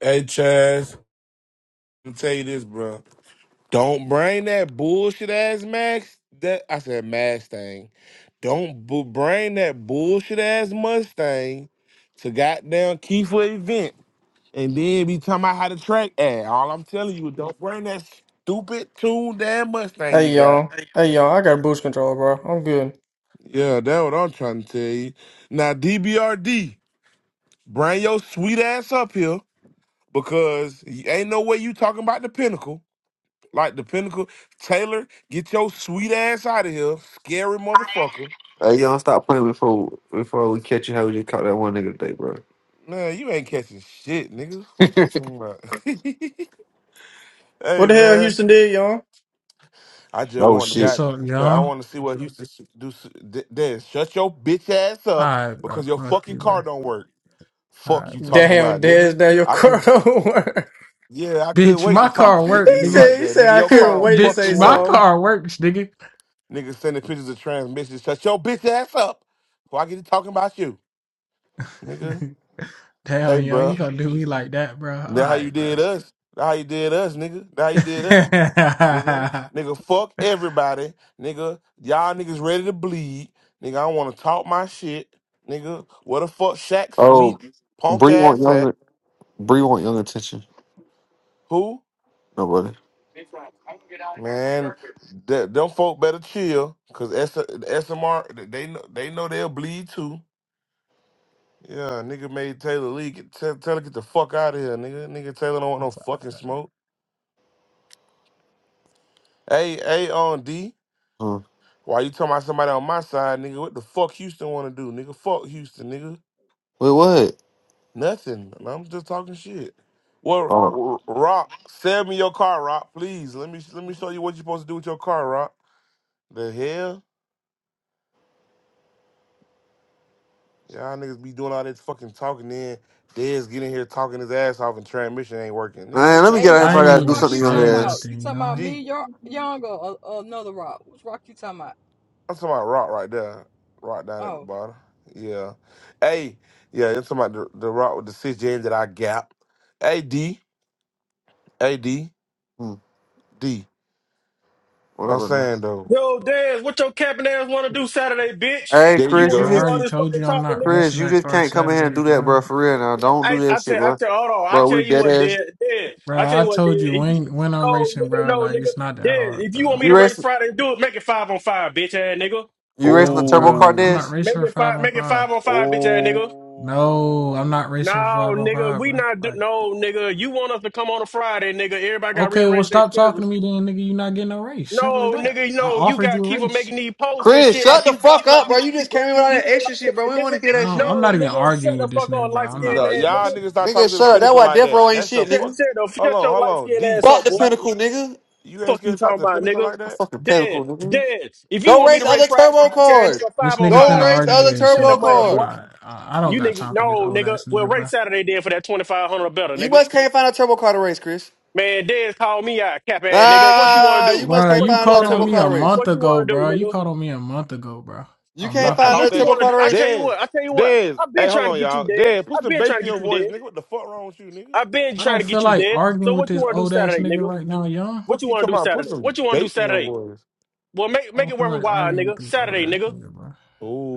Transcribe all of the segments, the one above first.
Hey Chaz, I'm tell you this, bro. Don't bring that bullshit ass Max. That I said Mustang. Don't bu- bring that bullshit ass Mustang to goddamn Kiefer event, and then be talking about how the track at. All I'm telling you, is don't bring that stupid tuned damn Mustang you Hey got. y'all. Hey y'all, I got boost control, bro. I'm good. Yeah, that's what I'm trying to tell you. Now DBRD, bring your sweet ass up here because ain't no way you talking about the pinnacle. Like the pinnacle. Taylor, get your sweet ass out of here. Scary motherfucker. Hey, y'all, stop playing before before we catch you. How we just caught that one nigga today, bro? Man, you ain't catching shit, nigga. Fuck you talking about. hey What the hell man. Houston did, y'all? I just Oh want to shit. What's got. up, cause I y'all? want to see what Houston s- do s- d- then. Shut your bitch ass up Alright, bro. because your Fuck fucking you, car bro. don't work. Fuck you Alright, bro. talking Damn, about, nigga. Dez Daniel I could Carter. yeah, I could Bitch, wait my to talk car he shit to work, you nigga. like said he that. said Nigga, I your car couldn't don't wait to fucking say Bitch, my work. something. car works, nigga. Nigga sending pictures of transmissions. Shut your bitch ass up. Before I get to talking about you. Nigga. Hey, Damn, yo, bro. you gonna do me like that, bro? That how you Alright, bro. did us. That how you did us, nigga. That how you did us, nigga. Nigga, fuck everybody, nigga. Y'all niggas ready to bleed, nigga. I want to talk my shit, nigga. What the fuck, Shaq, Oh, sweet punk Bree want ass at? young. Bree want young attention. Who? Nobody. It's like, I can get out of here and go Man, start that them folk better chill, cause S- the SMR they know they know they'll bleed too. Yeah, nigga made Taylor Lee get, tell tell her get the fuck out of here, nigga. Nigga Taylor don't want no fucking smoke. Hey, hey, on D. Huh. Why you talking about somebody on my side, nigga? What the fuck Houston want to do, nigga? Fuck Houston, nigga. Wait, what? Nothing. And I'm just talking shit. Well, Oh, R- Rock, sell me your car, Rock, please. Let me let me show you what you are supposed to do with your car, Rock. The hell, y'all niggas be doing all this fucking talking. Then Dez getting here talking his ass off, and transmission ain't working. Nigga, man, shut let me your Hey, get out here if I I young, ain't which gotta do even rock something, you to young talking said about? ass. You nothing, talking about y'all. deep. me, your young, or, or another rock? Which rock you talking about? I'm talking about Rock right there, Rock down at the Oh. bottom. Yeah, hey, yeah, I'm talking about the, the Rock with the six gen that I got. Hey D, hey D, Hmm. D. What I'm other? nigga? saying though. Yo, Daz, what your capping ass want to do Saturday, bitch? Hey, There you You Chris, you want Bro, to I go. do just all already this told fucking you I'm talking, not nigga? Chris, racing you that just car can't come in here and Saturday, do that, bro. bro. For real, now Man, don't do I, I that shit, tell, I bro. tell, hold on. I Bro, tell we you dead what, ass. Dad, Dad. I Bro, tell you I what, Dad. told you If you, when when I'm no, racing, nigga, bro. no, Like nigga, it's not that Dad. hard, If you want bro. me You to race racing? Friday, and do it. Make it five on five, bitch ass nigga. You racing the No, turbo bro. car I'm Oh, not dash? racing Make for it five five, on make it five. five on five, bitch ass nigga. No, I'm oh. not racing for No, five on nigga, five, we bro. not do, Like. no, nigga. You want us to come on a Friday, nigga? Everybody got Okay, well, rearranged their stop schedule. talking to me then, nigga. you not getting no raise. Simple as No, that. nigga, I no, you offered got to you keep a on raise. making these posts and Chris, shit like shut the you fuck got- like up, bro. you You just came like in you with all living that extra shit, like bro. that, We don't want nigga. to hear I that don't, shit. I'm No, not even nigga, shut arguing the with this fuck nigga, on bro. light I'm not skinned No, ass, arguing with y'all this nigga. niggas nigga. not talking Nigga, to the shut up. That's pinnacle why like Death that. Row ain't That's the shit, Shut, nigga. fuck. shut, the, Hold shut on, your hold light on. skinned D, ass Fuck up, the boy. you pinnacle, nigga. you ain't Fuck scared you to talking talk to the about, pinnacle nigga. like I that? fucking Dead, pinnacle, nigga. dead. If you Go want me race to Bro. rate other Friday, turbo bitch ass cars. nigga, This five on nigga Go finna five, race nigga. argue other with Send the himself, turbo bro. money, I'm boy. cars. not. I, I don't You got nigga, time for this no, old nigga. ass Well, nigga, rate bro. Saturday then for that twenty five hundred or better, You nigga. must can't find a turbo car to race, Chris. Man, Dez called me out, cap ass nigga. What you want to Ah, you do? must Bro, can't What you you find another called want to on turbo me do? car to a race. month What you ago, want to do, bro. You nigga? called on me a month ago, bro. You A N- can't Stop month I- find ago. talk What another you that. turbo want to car do? to I race. tell you Dez, what. I tell you what. Dez. I've been Hey, hold trying to on, get you y'all. dead. Dez, put I've some been bass trying to in get your you voice, dead. nigga. What the fuck wrong with you, nigga? I've been I trying don't to feel get you like dead. So arguing with what you this want to do old ass Saturday, nigga nigga? right now, y'all. What Fuck you you want to talking do about? Put Saturday? some What you want to do bass in your Saturday? voice. Well, make I make don't it feel worth a like while, arguing with nigga. this old Saturday, ass nigga. nigga, bro.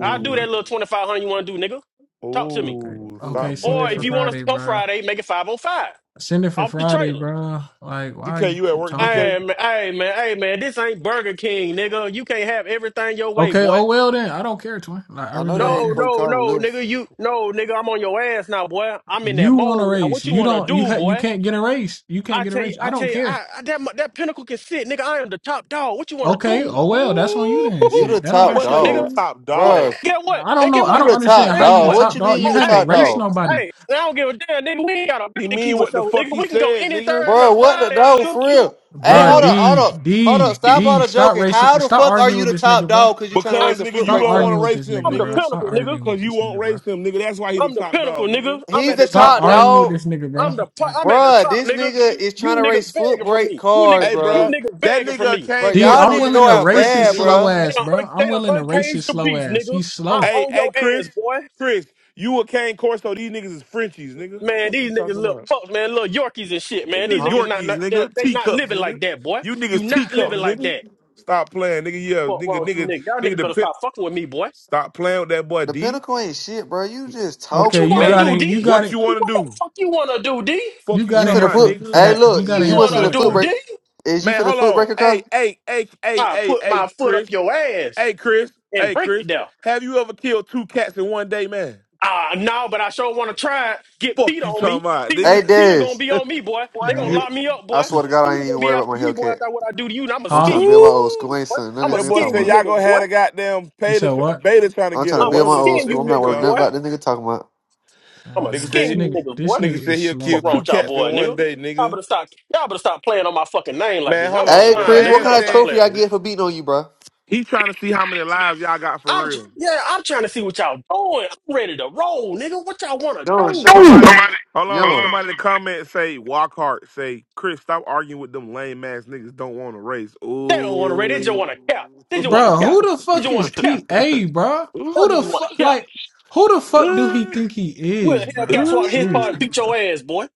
I'll do bro. that little twenty five hundred you want to do, nigga. Talk to me. Okay. oh. Ooh, Okay, Stop send it Or if for you playing. want us Friday, to come bro. Friday, make it five oh five Send it for off the Friday, trailer. bro. Like, why are DK, you you at keep work, talking? Hey DK? man, hey man, hey man. This ain't Burger King, nigga. You can't have everything your way, Okay, oh boy. well then. I don't care, twin. Like, I I know really they don't No, ain't care. Clay no, Carter no, lips. nigga, you no, nigga, I'm on your ass now, boy. I'm in that You want a mode now. race. What you You wanna don't you do, ha- you boy? can't get a race. You can't I get a tell you, race. I I tell don't you, care. I, I that mu- that pinnacle can sit, nigga. I am the top dog. What you wanna Okay, do, oh well, that's on you Ooh, then. You the Shit. That don't that got top boy do shit said to he do the nigga? dog, with it. top What? dog. Bruh, Get what? Nah, I don't And know. get I You what? don't the top understand And how you get the dog. what? What top you dog. mean You you Oh, the haven't hey, top raced hey, dog, nobody. hey! I don't give a damn, nigga. We ain't got a He bait to keep mean a what the show, fuck nigga. he We can go said, any nigga. Thursday or Bruh, What the Friday. dog nigga. for real? Hey, Bruh, hold Nigga, up, hold D, up, hold up. D, Stop all D, the stop joking. How racing. the Stop fuck are arguing you with the this top nigga, bro. dog? Cause you trying to I, because race a nigga, foot you Stop brake don't car? want arguing to with race this him, nigga, I'm the bro. nigga. Stop pinnacle, nigga. arguing Cause with you this won't nigga, bro. race him, nigga. That's why he the I'm the top pinnacle, dog, nigga. nigga. I'm He's at Fuck the the you Stop talking top, top boy. about, nigga. arguing with dog, this nigga, I'm the po- bro. I'm at the bruh. top, This nigga. nigga is You trying to race niggas foot begging from brake me. You cars, niggas, Hey, you bruh. bruh, niggas that begging from nigga me. Bro, Kane D, y'all I'm Corso, nigga nigga, willing go you to a out race Frenchie, his bad, nigga. slow They bruh. ass, don't bro. un- I'm they don't willing to race uncage his the slow beef, ass. nigga. He's I'm slow. Hey, on hey, your ass, Chris, boy. Chris, you a Kane Corso. These niggas is Frenchies, nigga. Man, Fuck these you niggas talking little about, fucks, man, little Yorkies and shit, man. These nigga. Huh? niggas not, Yorkies, not they, nigga. they not Teacups, living nigga. like that, boy. You You niggas not Huh? teacups, living like nigga. that. Stop playing, nigga. Yeah, Fuck wrong nigga, with you nigga, niggas? Y'all niggas better nigga. stop fucking with me, boy. Stop playing with that boy The D. pinnacle ain't shit, bruh. You just What Okay, you talking, you wanna Man, bruh. got you, do, in. You D? got what it. you want to What the do? fuck you wanna do, D? Fuck You you You got in talking here finna about, for put? for nigga. What Hey, the that. look, You fuck got in you you here must for wanna finna what, foot do, bro? brake. D? Is you Man, finna hold foot on. brake a Hey, car? hey, hey, hey, I hey, put my hey, foot up Chris. your ass Hey, Chris. and Hey, break it Chris. down. Have you ever killed two cats in one day, man? Ah, no, but I sure want to try. it. Get Fuck Peter you on talking me. about, Peter, nigga. Hey, Peter gonna Dez. be on me, boy. You They What? gonna know, lock me up, I boy. swear to God, I Peter ain't gonna even be worried about after my me, boy. Hellcat. After what I do to you, and I'ma I'm huh? skin trying to you, build my old Ooh. school. I ain't boy. something none I'ma of this That nigga boy skin talking said you about. y'all niggas, gonna boy. have a goddamn You beta, said tr- what? beta trying to I'm get trying him to or I'ma build whatever my the old fuck skin school. you that I'm shit not worried niggas, nothing called. boy. about this nigga talking about. I'ma Nigga Um, said this skin he, you nigga, niggas, this boy. nigga nigga said is he'll slow, kill What wrong bro. two with y'all, cats in boy, one nigga? day, Y'all nigga. better stop. Y'all better stop playing on my fucking name like Man, this. hold I'm the on. Hey, The slime, Chris, nigga. what man Y'all kind better of stop said trophy playing I with me. get for beating on you, bruh? he trying to see how many lives y'all got for I'm real. just, yeah. I'm trying to see what y'all doing. I'm ready to roll, nigga. What y'all wanna Yo, do? shut Hey, Somebody, hold on. up. Somebody in the comment say walk hard. Say Chris, stop arguing with them lame ass niggas. Don't want to race. They don't wanna ready. They just Ooh. wanna cap. They just wanna Bro, cap. who the They fuck just Yo. wanna is cap. TA, bro? Who Y'all niggas the Ooh. wanna fuck, cap. like, who the fuck do he Ooh. think he Well, is, bro? Hellcat Like, swap his part Ooh. and seriously, beat bro. your ass, boy.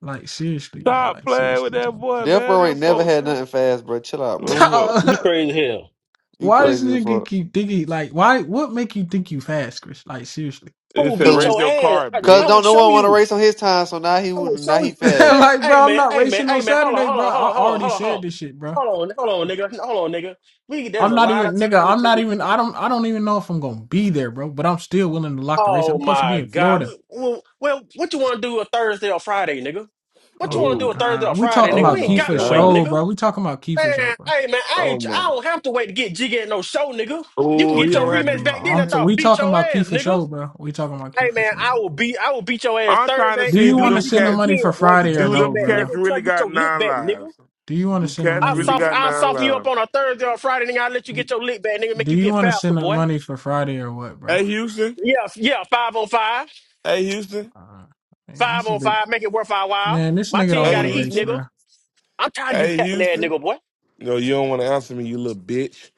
Like, seriously, bro. Stop Like, playing with seriously, that bro. boy, Death man. Row ain't Them never folks. had Them nothing fast, bro. Chill out, bro. folks- You crazy as hell. You why Yeah. does crazy as nigga fuck. keep thinking, like, why, what make you think you fast, Chris? Like, seriously. I It will said beat race your Cause, your ass. car, I, cause I bitch. will don't no show one want to you. race on his time, so now he I will now show he you. fast. Man, like, hey bro, I'm man, not hey man, racing on hey man, hold on, Saturday, hold bro. on, hold I on, hold on, already hold on, hold said on. this shit, bro. Hold on, hold on, nigga. Hold on, nigga. We there's I'm a not lot of even, nigga, time I'm not between even, I don't, I don't even know if I'm gonna be there, bro, but I'm still willing to lock the race. Oh I'm supposed to be my in god. Florida. We- Well, well what you wanna do a Thursday or Friday, nigga? What you Oh wanna my do a Ooh. God. Thursday Are or we Friday, talking nigga? Oh We about ain't Key my got for to wait, god. show, nigga. bro? We talking about Key for show, Man, bro. hey man, I Oh ain't my. I don't have to wait to get jiggy at no show, nigga. You can Oh, he get your don't Okay, have rematch well, back then I'm after t- I to. we beat talking your about Key ass, for nigga. show, bro. We talking about Key Hey for man, show, I bro. will beat I will beat your ass I'm trying to Thursday Do see you and do we want to them get send you the cats money again, for boy. Get Friday your or do get no, them back, bro? cats nigga. Try really to get got your lick nine back, nigga. lives? Do you want to Do send the cats I'll money? really soft got I'll nine soften you lives? up on a Thursday or Friday, nigga. I'll let you get your lick back, nigga, make Do you you get want to faster, send the boy. money for Friday or what, bro? Hey Houston. Yeah, yeah, five on five. Hey Houston. Uh, man, this Five is a on big five, make it worth our while. man. This My nigga team don't Hey want to gotta eat, race, Houston. nigga. bro. I'm tired of you Hey capping that Houston. nigga, boy. No, you don't want to answer me, you little bitch.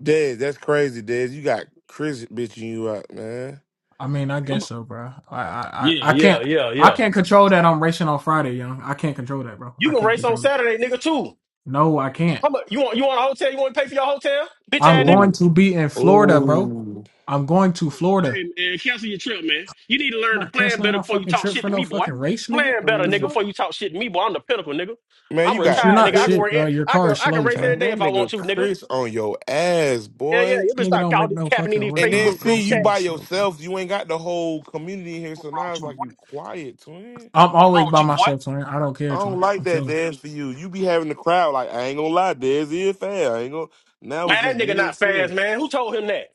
Dez, that's crazy, Dez. You got Chris bitching you out, man. I mean, I I'm- guess so, bro. I, I, I Yeah, I yeah, can't, yeah, I yeah. can't control that. I'm racing on Friday, young. I can't control that, bro. You I can can't race on control it. Saturday, nigga, too. No, I can't. How much you want you want a hotel, you want to pay for your hotel? Bitch ass I'm nigga. going Oh, to be in Florida, bro. oh, I'm going to Hey Florida. man, cancel your trip, man. You need to learn I'm to not plan canceling better my before you fucking talk trip shit for to no me, boy. fucking race, nigga. Plan better, The nigga, oh. fuck? before you talk shit to me, boy. I'm the pinnacle, nigga. man, I'm you Rich, got You're retired, nigga. not I can Chris. shit, work. e- bro. Your I car can. is I can slow, race every Man, son. day that if I want nigga to, nigga. Chris on your ass, Yeah, yeah. boy. You better This nigga stop don't all make this no capping in fucking these And then horsepower, Facebook bro. see group This you chat. nigga by is slow, bro. yourself. You ain't got the whole community in here, What so wrong now with it's you, like you boy? quiet, twin. I'm What wrong always with by you, boy? myself, son. I don't I care, don't son. like I'm that, telling. you. Dez, for you. You be having the crowd like I ain't gonna lie, Dez is fair. I ain't gonna. Now it's Man, that just nigga you not and Chris. fast, man. Who told him that?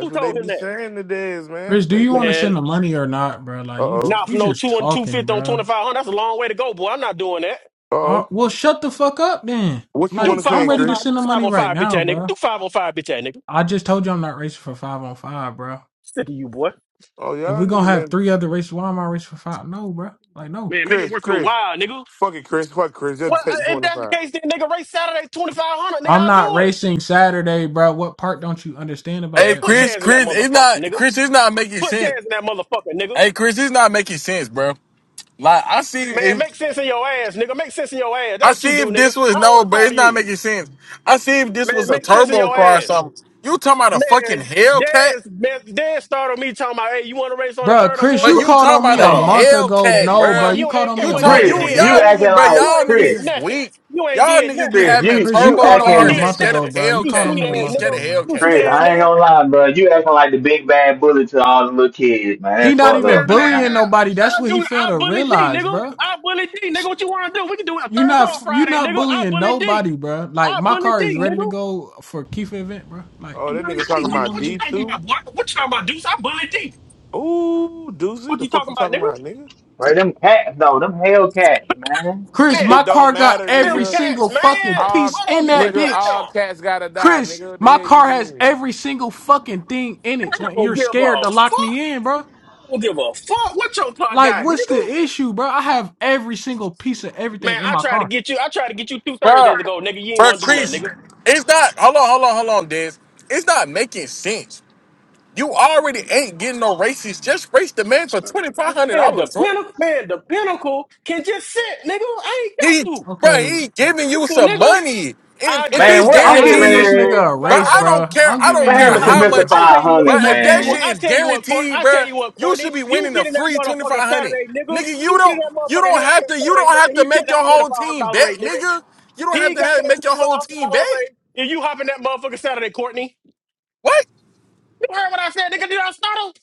Who what they told him be that? saying today, is Rich, man. do They you they. want to Man, send the money or not, bro? Like Uh you, oh. not you from no just two and two talking, fifth on twenty bro. five hundred. That's a long way to go, boy. I'm not doing that. Uh Uh, oh. well, shut the fuck up, then. What you Do want Like to I'm five say, on ready to Chris? five. Do send the five money on right five, bitch now, ass nigga. bro. Do five on five, bitch ass nigga. I just told you I'm not racing for five on five, bro. Sick of you, boy. Oh If y'all we're gonna nigga, have let three other races, why am I racing for five? No, bro. Like, no. Man, make it Chris. worth your Chris. while, nigga. Fuck it, Chris. Fuck Chris. Just Well, take the I- if twenty that's the five. case, then nigga, race Saturday twenty five hundred, nigga, I'm I'll not do it. racing Saturday, bro. What part don't you understand about Man, Hey, that, put bro? Chris, chairs in that Chris, it's motherfucker, not nigga. Chris. It's not making Put sense. chairs in that motherfucker, nigga. Hey, Chris, it's not making sense, bro. Like I see Man, if make sense in your ass, nigga. Make sense in your ass. That's I what you see do, if nigga. I this don't was no, want to but talk it's to not you. making sense. I see if this Man, was a make sense in turbo your car or ass. something. You talking about a fucking Man, Hellcat? Dez, man, Dez started me talking about, hey, you want to race on the Bro, third or Chris, fourth? But you Bro, you called talking on about me a a hold on, month ago. And Hellcat, guess No, bro. what? bro? You You called and on guess me You a what? You month talk ain't you Chris. ago, did bro. y'all You nothing. acting niggas, bro. You like Y'all ain't niggas Chris. did is nothing. weak. You ain't Y'all did niggas be nothing. Chris, having you Chris, you you turbo You called on me ain't a cars acting and did month scared of ago, nothing. bro. You You called Hellcat. on sweet I me a ass mean, month scared of ago, nigga. bro. You Hellcats, sweet Chris. bro. ass I ain't nigga. gonna lie, bro. You acting like the big bad bully to all the little kids, man. He That's not fucked up, even Man, man, bullying man. hell, nobody. That's I what he do. failed I to bully D, realize, nigga. bro. I bully D, nigga. What you want to do? We can do it on You Thursday or not you Friday, not nigga. I bullying bully D. nobody, bro. Like I my bully car is D, ready to nigga. go for Keith event, bro. Like, I Oh that bully nigga D, talking what do you nigga. about want to What you D do, talking two. about, boy? What you talking about, Deuce? I bully D. Ooh, Doozy. What The you fuck talking you about, talking nigga? about, nigga? Right, them cats though, them hell cats, man. Chris? Man, My It fuck don't car got matter, them every nigga. cats, single man. fucking All piece I don't in give a that nigga, damn. bitch, all cats gotta die, Chris. nigga. What the My hell you car has mean? every single fucking thing in it. I When don't you're give scared a to lock fuck. me in, bro. I don't give a fuck what your plot Like, got, what's the nigga. issue, bro? I have every single piece of Man, everything in I my tried to car. get you. I tried to get you two Bro, Thursdays ago, nigga. You ain't bro, want to do nothing, Chris, nigga. it's not. Hold on, hold on, hold on, Diz. It's not making sense. You already ain't getting no racist. Just race the man for twenty five hundred Man, the dollars. huh? pinnacle, man, the pinnacle can just sit, nigga. I ain't got He, to. bro, Okay, he giving you Well, some nigga. money. If I if Man, just it's say, what? I'm Hey, I giving this guaranteed, just said nigga man, a five. but race, I oh- don't bro. care. I'm I giving don't what him care a happened I, to how race, Mister bro. much I it. tell Five you what, Hundred, But I if tell you that what, man? shit I is tell you what, Court, guaranteed, I tell bro, you what, you Courtney, should be you winning a get in that free twenty motherfucker five hundred. Saturday, nigga. Nigga, you You get in don't. that You motherfucker don't have Hellcat to. You Saturday, don't nigga. have to He get make that your twenty whole five hundred team dollar bet, rate, nigga. nigga. You don't have He to got have, that make twenty your five whole hundred team dollar bet. rate, and you hop in that motherfucker Saturday, Courtney. What? You heard what I said, nigga? Did I startle?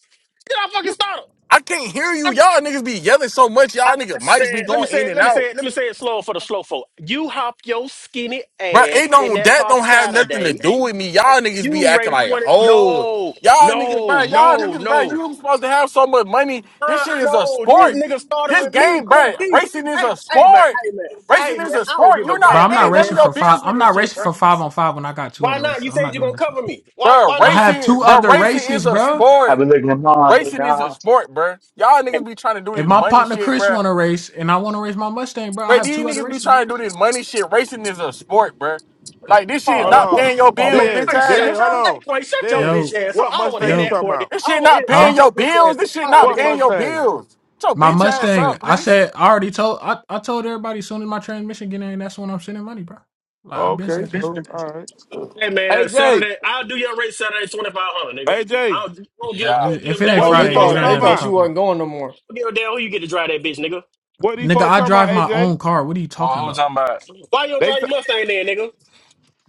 Did I fucking startle? I can't hear you. Y'all niggas be yelling so much. I, I Y'all niggas mics be said, let me going say in it, and let me say out. it, let me say it slow for the slow folk. You hop your skinny Bro, it ass in don't that that car don't have nothing to Saturday. do with me. Y'all niggas be You acting raised like 20. hoes. No, Y'all niggas, no, bro, y'all no, niggas, bro, no. you supposed to have so much money. This Uh, shit is a no, this sport. nigga started This with me, game, bro, Courtney. racing is Hey, a hey, man, sport. hey, man, hey, Racing man, is a I don't sport. give a You're Bro, not damn. I'm not paying Hey, none man, of racing your for five. bills with I'm this not shit, racing bro. for five on five when I got two why other not? races. You I'm said not you're doing going to that shit. cover me. Why Bro, Why I not? have two racing, bro, other racing is races, a bro. I sport. been looking at my big Racing is a dog. sport, bro. Y'all And, niggas be trying to do If this my money partner shit, Chris bro. want to race and I want to race my Mustang, bro, I Bro, have these two other niggas be races, bro. trying to do this money shit. Racing is a sport, bro. Like this shit is Hold oh, not Cour- on, paying your oh, bills, man, bitch Quay, Dez. ass Dez. shut, your- Hold nigga. hey, on, Quay, shut your Dez. bitch Yo, ass up. What I don't want to Mustang hear you yo, that, talking Courtney. about? This I shit don't want to not hear that. paying huh? Shut your your bitch bills. ass up. This shit I don't want not to What hear paying that. your Mustang? bills. Shut your My bitch ass Mustang. up, I Chris. said I already told. I, I told everybody as soon as my transmission get in, that's when I'm sending money, bro. Like I've been Okay, said that so shit. all right. Hey, man, AJ. Saturday, I'll do your race Saturday 2500 nigga. I AJ. don't, I don't, give, I Uh, Yeah. don't give a if it ain't damn What who Oh, you these they get to Friday, it folks thought drive ain't talking they that nothing to thought bitch. about? you talk about. wasn't going no more. I don't give a damn who you get to drive that bitch, nigga. What these Nigga, folks I talking about, drive my own AJ? car. What are you talking Well, who's about? talking about? Why you don't They drive t- your Mustang then, nigga?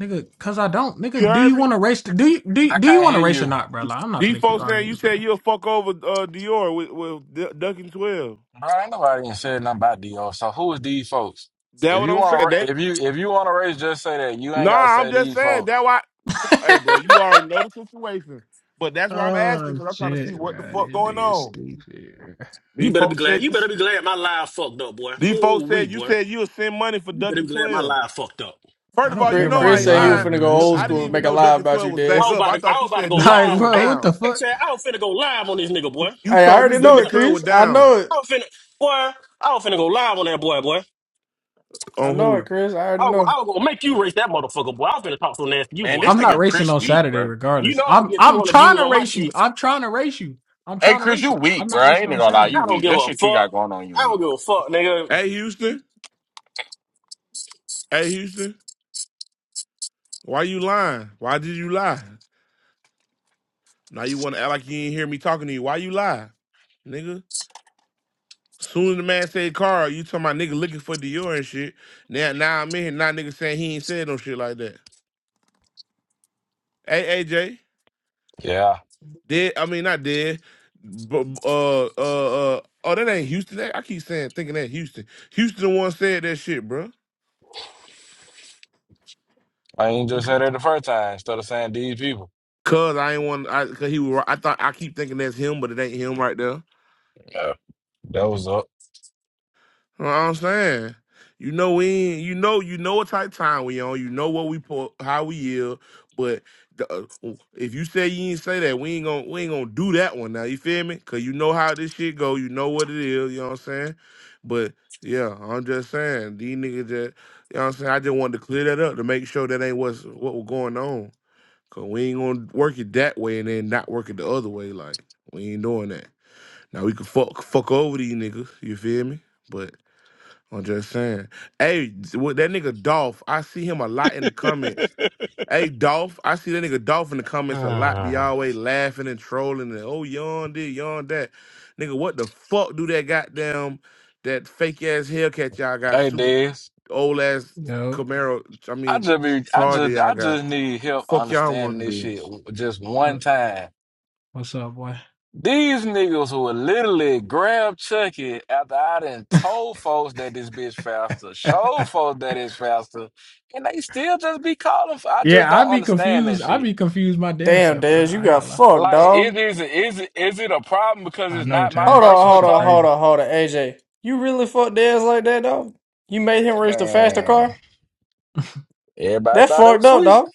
Nigga, cause I don't. you Nigga, do heard you want me? to race? do you do you, I do you can't want to hear race or you, not, bro? Like, I'm not These gonna keep folks saying arguing you with you, said you'll fuck over uh, Dior with, with D- Duncan 12. bro. Ain't nobody even said nothing about D.O. So who is these folks? That If what you I'm saying. want That, to, if you if you want to race, just say that. You ain't gotta nah, I'm say just these saying that folks. why bro. hey bro, you already know the situation. But that's why I'm asking, oh because I'm trying to see shit, what the bro. This fuck going nigga on. stupid. You These better be folks glad. said You better be glad my live fucked up, boy. these Ooh, folks we said you boy. said you'll send money for You better Duncan be glad my 12. live fucked up. First I of all, don't you care Chris, know about no I Chris ain't said he was lying, live, finna go bro. because This old I didn't school and nigga, even make a know lie Duncan about you, 12 was I back was Dez. up. about I to, I thought you was about to said go Duncan like, 12 live. was bro, Hey, what the down. hey, fuck? Chad, I was finna go live on this nigga, boy. You Hey, I told me already See know Duncan it, that? 12 was Chris. I down. know it. I was finna, boy. I was finna go live on that boy, boy. I On know who? it, Chris. I already I was, go, know. I was gonna make you race that motherfucker, boy. I was finna talk so nasty to you, Man, boy. this I'm not nigga racing Chris on weak, Saturday, bro. You regardless. know I'm gonna I'm get I'm 200 trying views to on my race you. shit. I'm trying to race you. I'm Hey, trying to Chris, race you you. weak, I'm bro. not I racing ain't on gonna lie, Saturday. you I don't weak. give That a shit you fuck. got going on, you I weak. don't give a fuck, nigga. Hey Houston, hey Houston, why you lying? Why did you lie? Now you want to act like you ain't hear me talking to you. Why you lie, nigga? Soon as the man said car, you talking about nigga looking for Dior and shit. Now, now I'm in here, now nigga saying he ain't said no shit like that. Hey AJ, Yeah, dead? I mean not dead, but uh uh uh oh that ain't Houston. That, I keep saying thinking that Houston. Houston the one said that shit, bro. I ain't just said that the first time instead of saying these people. Cause I ain't want, I, cause he was. I thought I keep thinking that's him, but it ain't him right there. Yeah, that was up. You know what I'm saying? You know we ain't- you know you know what type of time we on. You know what we pull, how we yield. But the, uh, if you say you ain't say that, we ain't gonna we ain't gonna do that one now. You feel me? Cause you know how this shit go. You know what it is. You know what I'm saying? But yeah, I'm just saying these niggas that you know what I'm saying. I just wanted to clear that up to make sure that ain't what's what was going on. Cause we ain't gonna work it that way and then not work it the other way. Like we ain't doing that. Now we can fuck fuck over these niggas. You feel me? But I'm just saying. Hey, with that nigga Dolph, I see him a lot in the comments. Hey, Dolph, I see that nigga Dolph in the comments a lot. Be Hmm. always laughing and trolling and oh yawn this, yawn that. Nigga, what the fuck do that goddamn that fake ass Hellcat y'all got? hey, Super Dez. old ass Yo, Camaro, I I mean just be, I Charger just, y'all I got. just need help Fuck y'all understanding want to this do? shit just one what time. what's up, boy? These niggas who will literally grab Chucky after I done told folks that this bitch faster, showed folks that it's faster, and they still just be calling for I just yeah, I'd don't be understand confused. that I'd shit. be confused my damn Damn, self, bro. Dez, you I ain't got gonna lie. fucked, Like, dog. it is is it is it a problem because I it's know, not my Chad. Hold on, That personal hold shit on, car? hold crazy. on, hold on, AJ. You really fucked Dez like that, dog? You made him race the faster Man, car? everybody That thought it fucked was up, sweet. dog.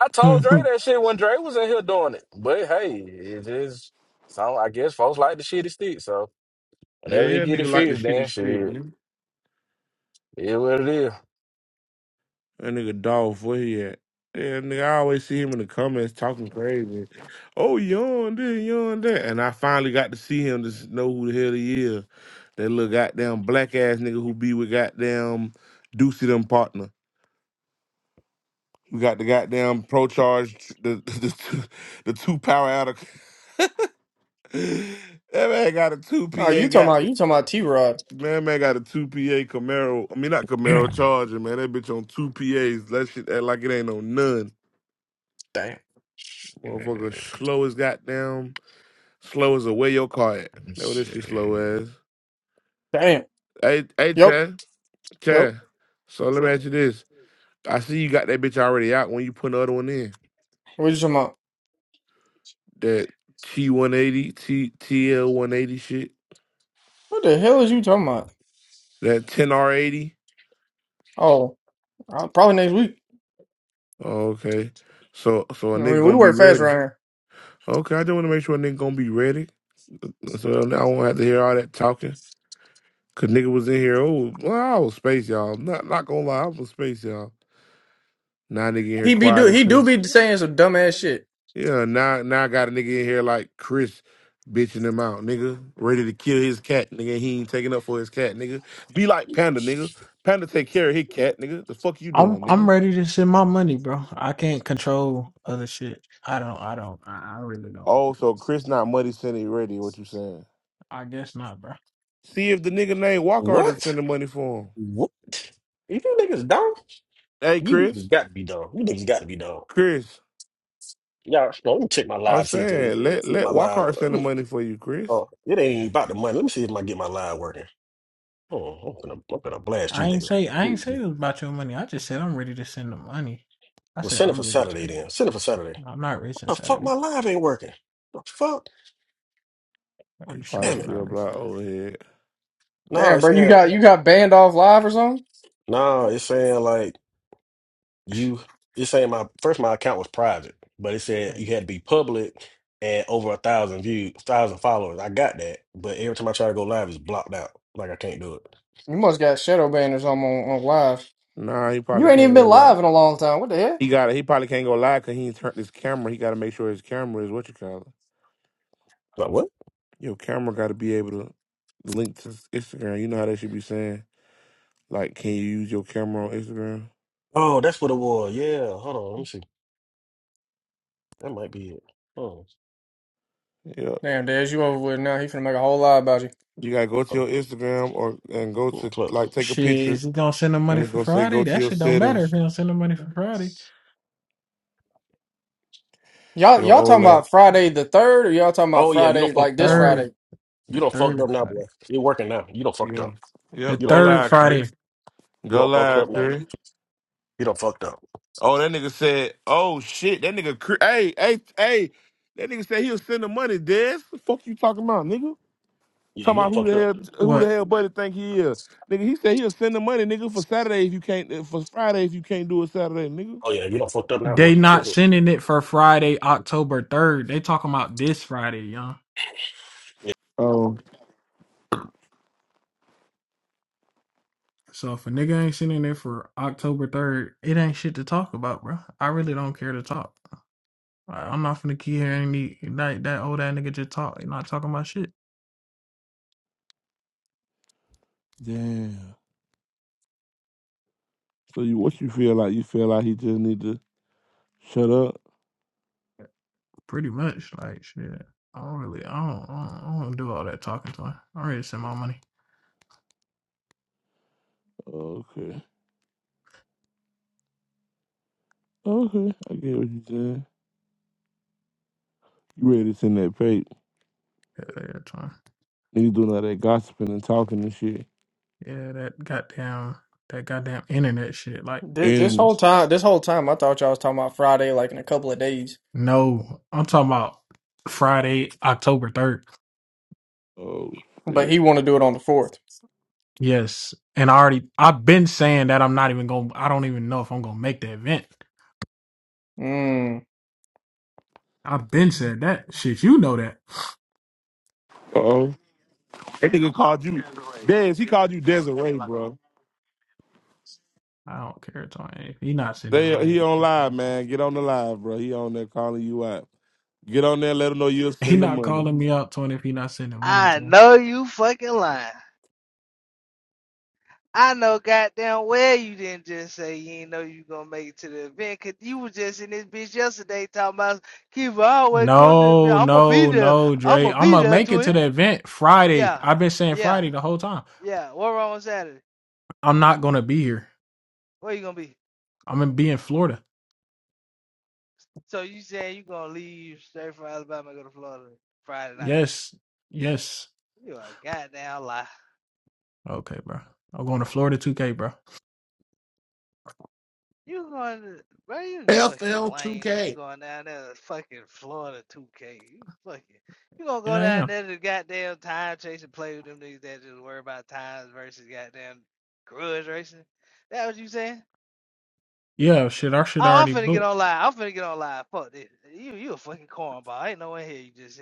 I told Dre that shit when Dre was in here doing it. But hey, it just some I guess folks like the shitty stick, so Yeah, whenever he yeah, get it nigga like the fixed, shitty then shit, shit. it is what it is. That nigga Dolph, where he at? Yeah, nigga, I always see him in the comments talking crazy. Oh, yawn this, yawn that. And I finally got to see him to s- know who the hell he is. That little goddamn black ass nigga who be with goddamn Deucey them partner. We got the goddamn pro charge, the the, two the two power out of. that man got a two Oh, PA you talking got about the you talking about T Rod? man man got a two PA Camaro. I mean not Camaro Charger man. That bitch on two PAs. That shit act like it ain't no none. Damn, And Motherfucker, slow as goddamn, slow as a where your car at. Let's Know what this shit see. slow as. damn. Hey, hey, Yep, Chad, yep. Chad. So let me ask you this: I see you got that bitch already out when you put the other one in. What you talking about? That T one eighty, ttl one eighty shit. What the hell is you talking about? That ten R eighty. Oh, uh, probably next week. Oh, okay. So so a I nigga mean, we gonna be work fast ready. around here. Okay, I just want to make sure a nigga gonna be ready. So now I won't have to hear all that talking. Cause nigga was in here. Oh, well, I was space, y'all. Not not gonna lie, I was space, y'all. Now nigga in here He be do quiet as he hell. do be saying some dumbass shit. Yeah, now now I got a nigga in here like Chris bitching him out, nigga. Ready to kill his cat, nigga. He ain't taking up for his cat, nigga. Be like Panda, nigga. Panda take care of his cat, nigga. The fuck you I'm doing, I'm nigga? ready to send my money, bro. I can't control other shit. I don't. I don't. I, I really don't. Oh, so Chris not money sending ready, what you saying? I guess not, bro. See if the nigga named Walkart is What? sending money for him. What? You niggas dumb? Hey You niggas Chris. got to be dumb. You niggas got to be dumb. Chris, Yeah, no, let me check my I'm live, see if they're saying let see if let my live. Walkart let send the me- money for you, Chris. Oh, it ain't even about the money. Let me see if I get my live working. Oh, I'm gonna, I'm gonna blast you, I ain't nigga. say I ain't say Mm. it was about your money. I just said I'm ready to send the money. I Well, said send it for I'm ready to. Saturday send it. then. Send it for Saturday. I'm not What rich on the fuck? Saturday. My live ain't working. The fuck? I God He already said probably damn I'm it. not still racing. block old head. No, Damn, it's bro, you saying got you got banned off live or something? no. It's saying like you. It's saying my first my account was private, but it said you had to be public and over a thousand views, thousand followers. I got that, but every time I try to go live, it's blocked out. Like I can't do You must got shadow banned or something on, on live. Nah, he You probably ain't can't even go been live. live in a long time. What the hell? He got. to He probably can't go live because he ain't turned his camera. He got to make sure his camera is what you call it. it. Your camera got to be able to link to Instagram. You know how they should be saying like, can you use your camera on Instagram? Oh, that's what it was. Yeah. Hold on. Let me see. That might be it. Oh, Yeah. Damn, Dez, you over with now? He finna make a whole lie about you. You gotta go to your oh, Instagram or and go mm, to clip. like take a Shit, is picture, he gonna send the and money it's for gonna say go Friday? to That your shit don't matter if settings, he don't send the money for Friday. Y'all your y'all talking OLED. about Friday the third, or y'all talking Oh about yeah, you don't Friday The fucked like up this now, boy. Friday? third, You the don't fucked third up now, Friday, boy. You're working now. You don't fucked Yeah. up. the Yep. You Go don't fucked third live, up. Chris. Friday. You Go don't fucked live, up now. Chris. You don't fucked up. Oh, that nigga said, oh shit, that nigga, Chris- hey, hey, hey, that nigga said he'll send the money, Des. What the fuck you talking about, nigga? Yeah, Talking you about don't who fucked the up. hell who the What? hell buddy think he is. Nigga, he said he'll send the money, nigga, for Saturday if you can't uh, for Friday if you can't do it Saturday, nigga. Oh yeah, you don't fucked up now, boy. They not sending it for Friday, October third. They talking about this Friday, young. Oh, So if a nigga ain't sitting there for October third, it ain't shit to talk about, bro. I really don't care to talk. Like, I'm not finna keep hearing the, that that old ass nigga just talk, He not talking about shit. Damn. So you what you feel like? You feel like he just need to shut up? Pretty much, like shit. I don't really, I don't, I don't, I don't do all that talking to him. I already sent my money. Okay. Okay. I get what you saying. You ready to send that page. Yeah, that time. And you doing all that gossiping and talking and shit. Yeah, that goddamn, that goddamn internet shit. Like, Thi- This And whole time, this whole time, I thought y'all was talking about Friday, like in a couple of days, no, I'm talking about Friday, October third. oh but shit. he want to do it on the fourth. Yes, and I already, I've been saying that I'm not even gonna. I don't even know if I'm gonna make the event. Mm. I've been said that shit. You know that. Uh oh. That nigga called you Des, he called you Desiree, bro. I don't care, Tony. If he not sending They he money, on live, man. Get on the live, bro. He on there calling you out. Get on there, let him know you'll he send the not money. calling me out, Tony. If he not sending money to I him. know you fucking lying. I know goddamn well you didn't just say you ain't know you gonna make it to the event 'cause you was just in this bitch yesterday talking about Kiva I always come to the event. No, I'ma be no, there. no, Dre. I'ma I'm be gonna there, make it to twin. the event Friday. Yeah, I've been saying yeah, Friday the whole time. yeah. What wrong on Saturday? I'm not gonna be here. Where you gonna be? I'm gonna be in Florida. So you saying you gonna leave straight from Alabama and go to Florida Friday night? Yes, yes. You a goddamn lie. Okay, bro. I'm going to Florida 2K, bro. You going to, bro, you fucking lame. You FL2K. going down there to fucking Florida 2K. You fucking, you gonna go Yeah, I down am. there to goddamn time chasing play with them niggas that just worry about times versus goddamn grudge racing. That what you saying? Yeah, shit. Our shit Oh, I'm already finna get booked. on live. I'm finna get on live. Fuck this. You, you a fucking cornball. Ain't no one here you just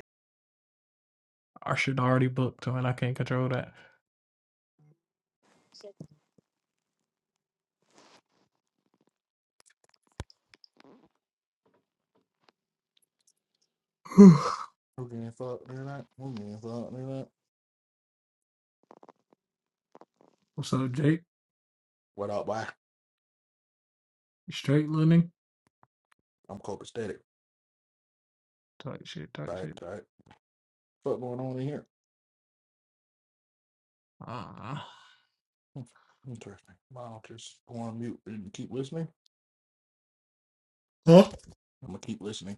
Our shit already booked, Tony. I can't control that. Who getting fucked tonight? Who getting fucked or not. What's up, Jake? What up, why? Straight living. I'm copacetic. Tight shit. Tight Type, shit. type. What going on in here? Ah. Hmm, Interesting. Well, I'll just go on mute and keep listening. Huh? I'm gonna keep listening.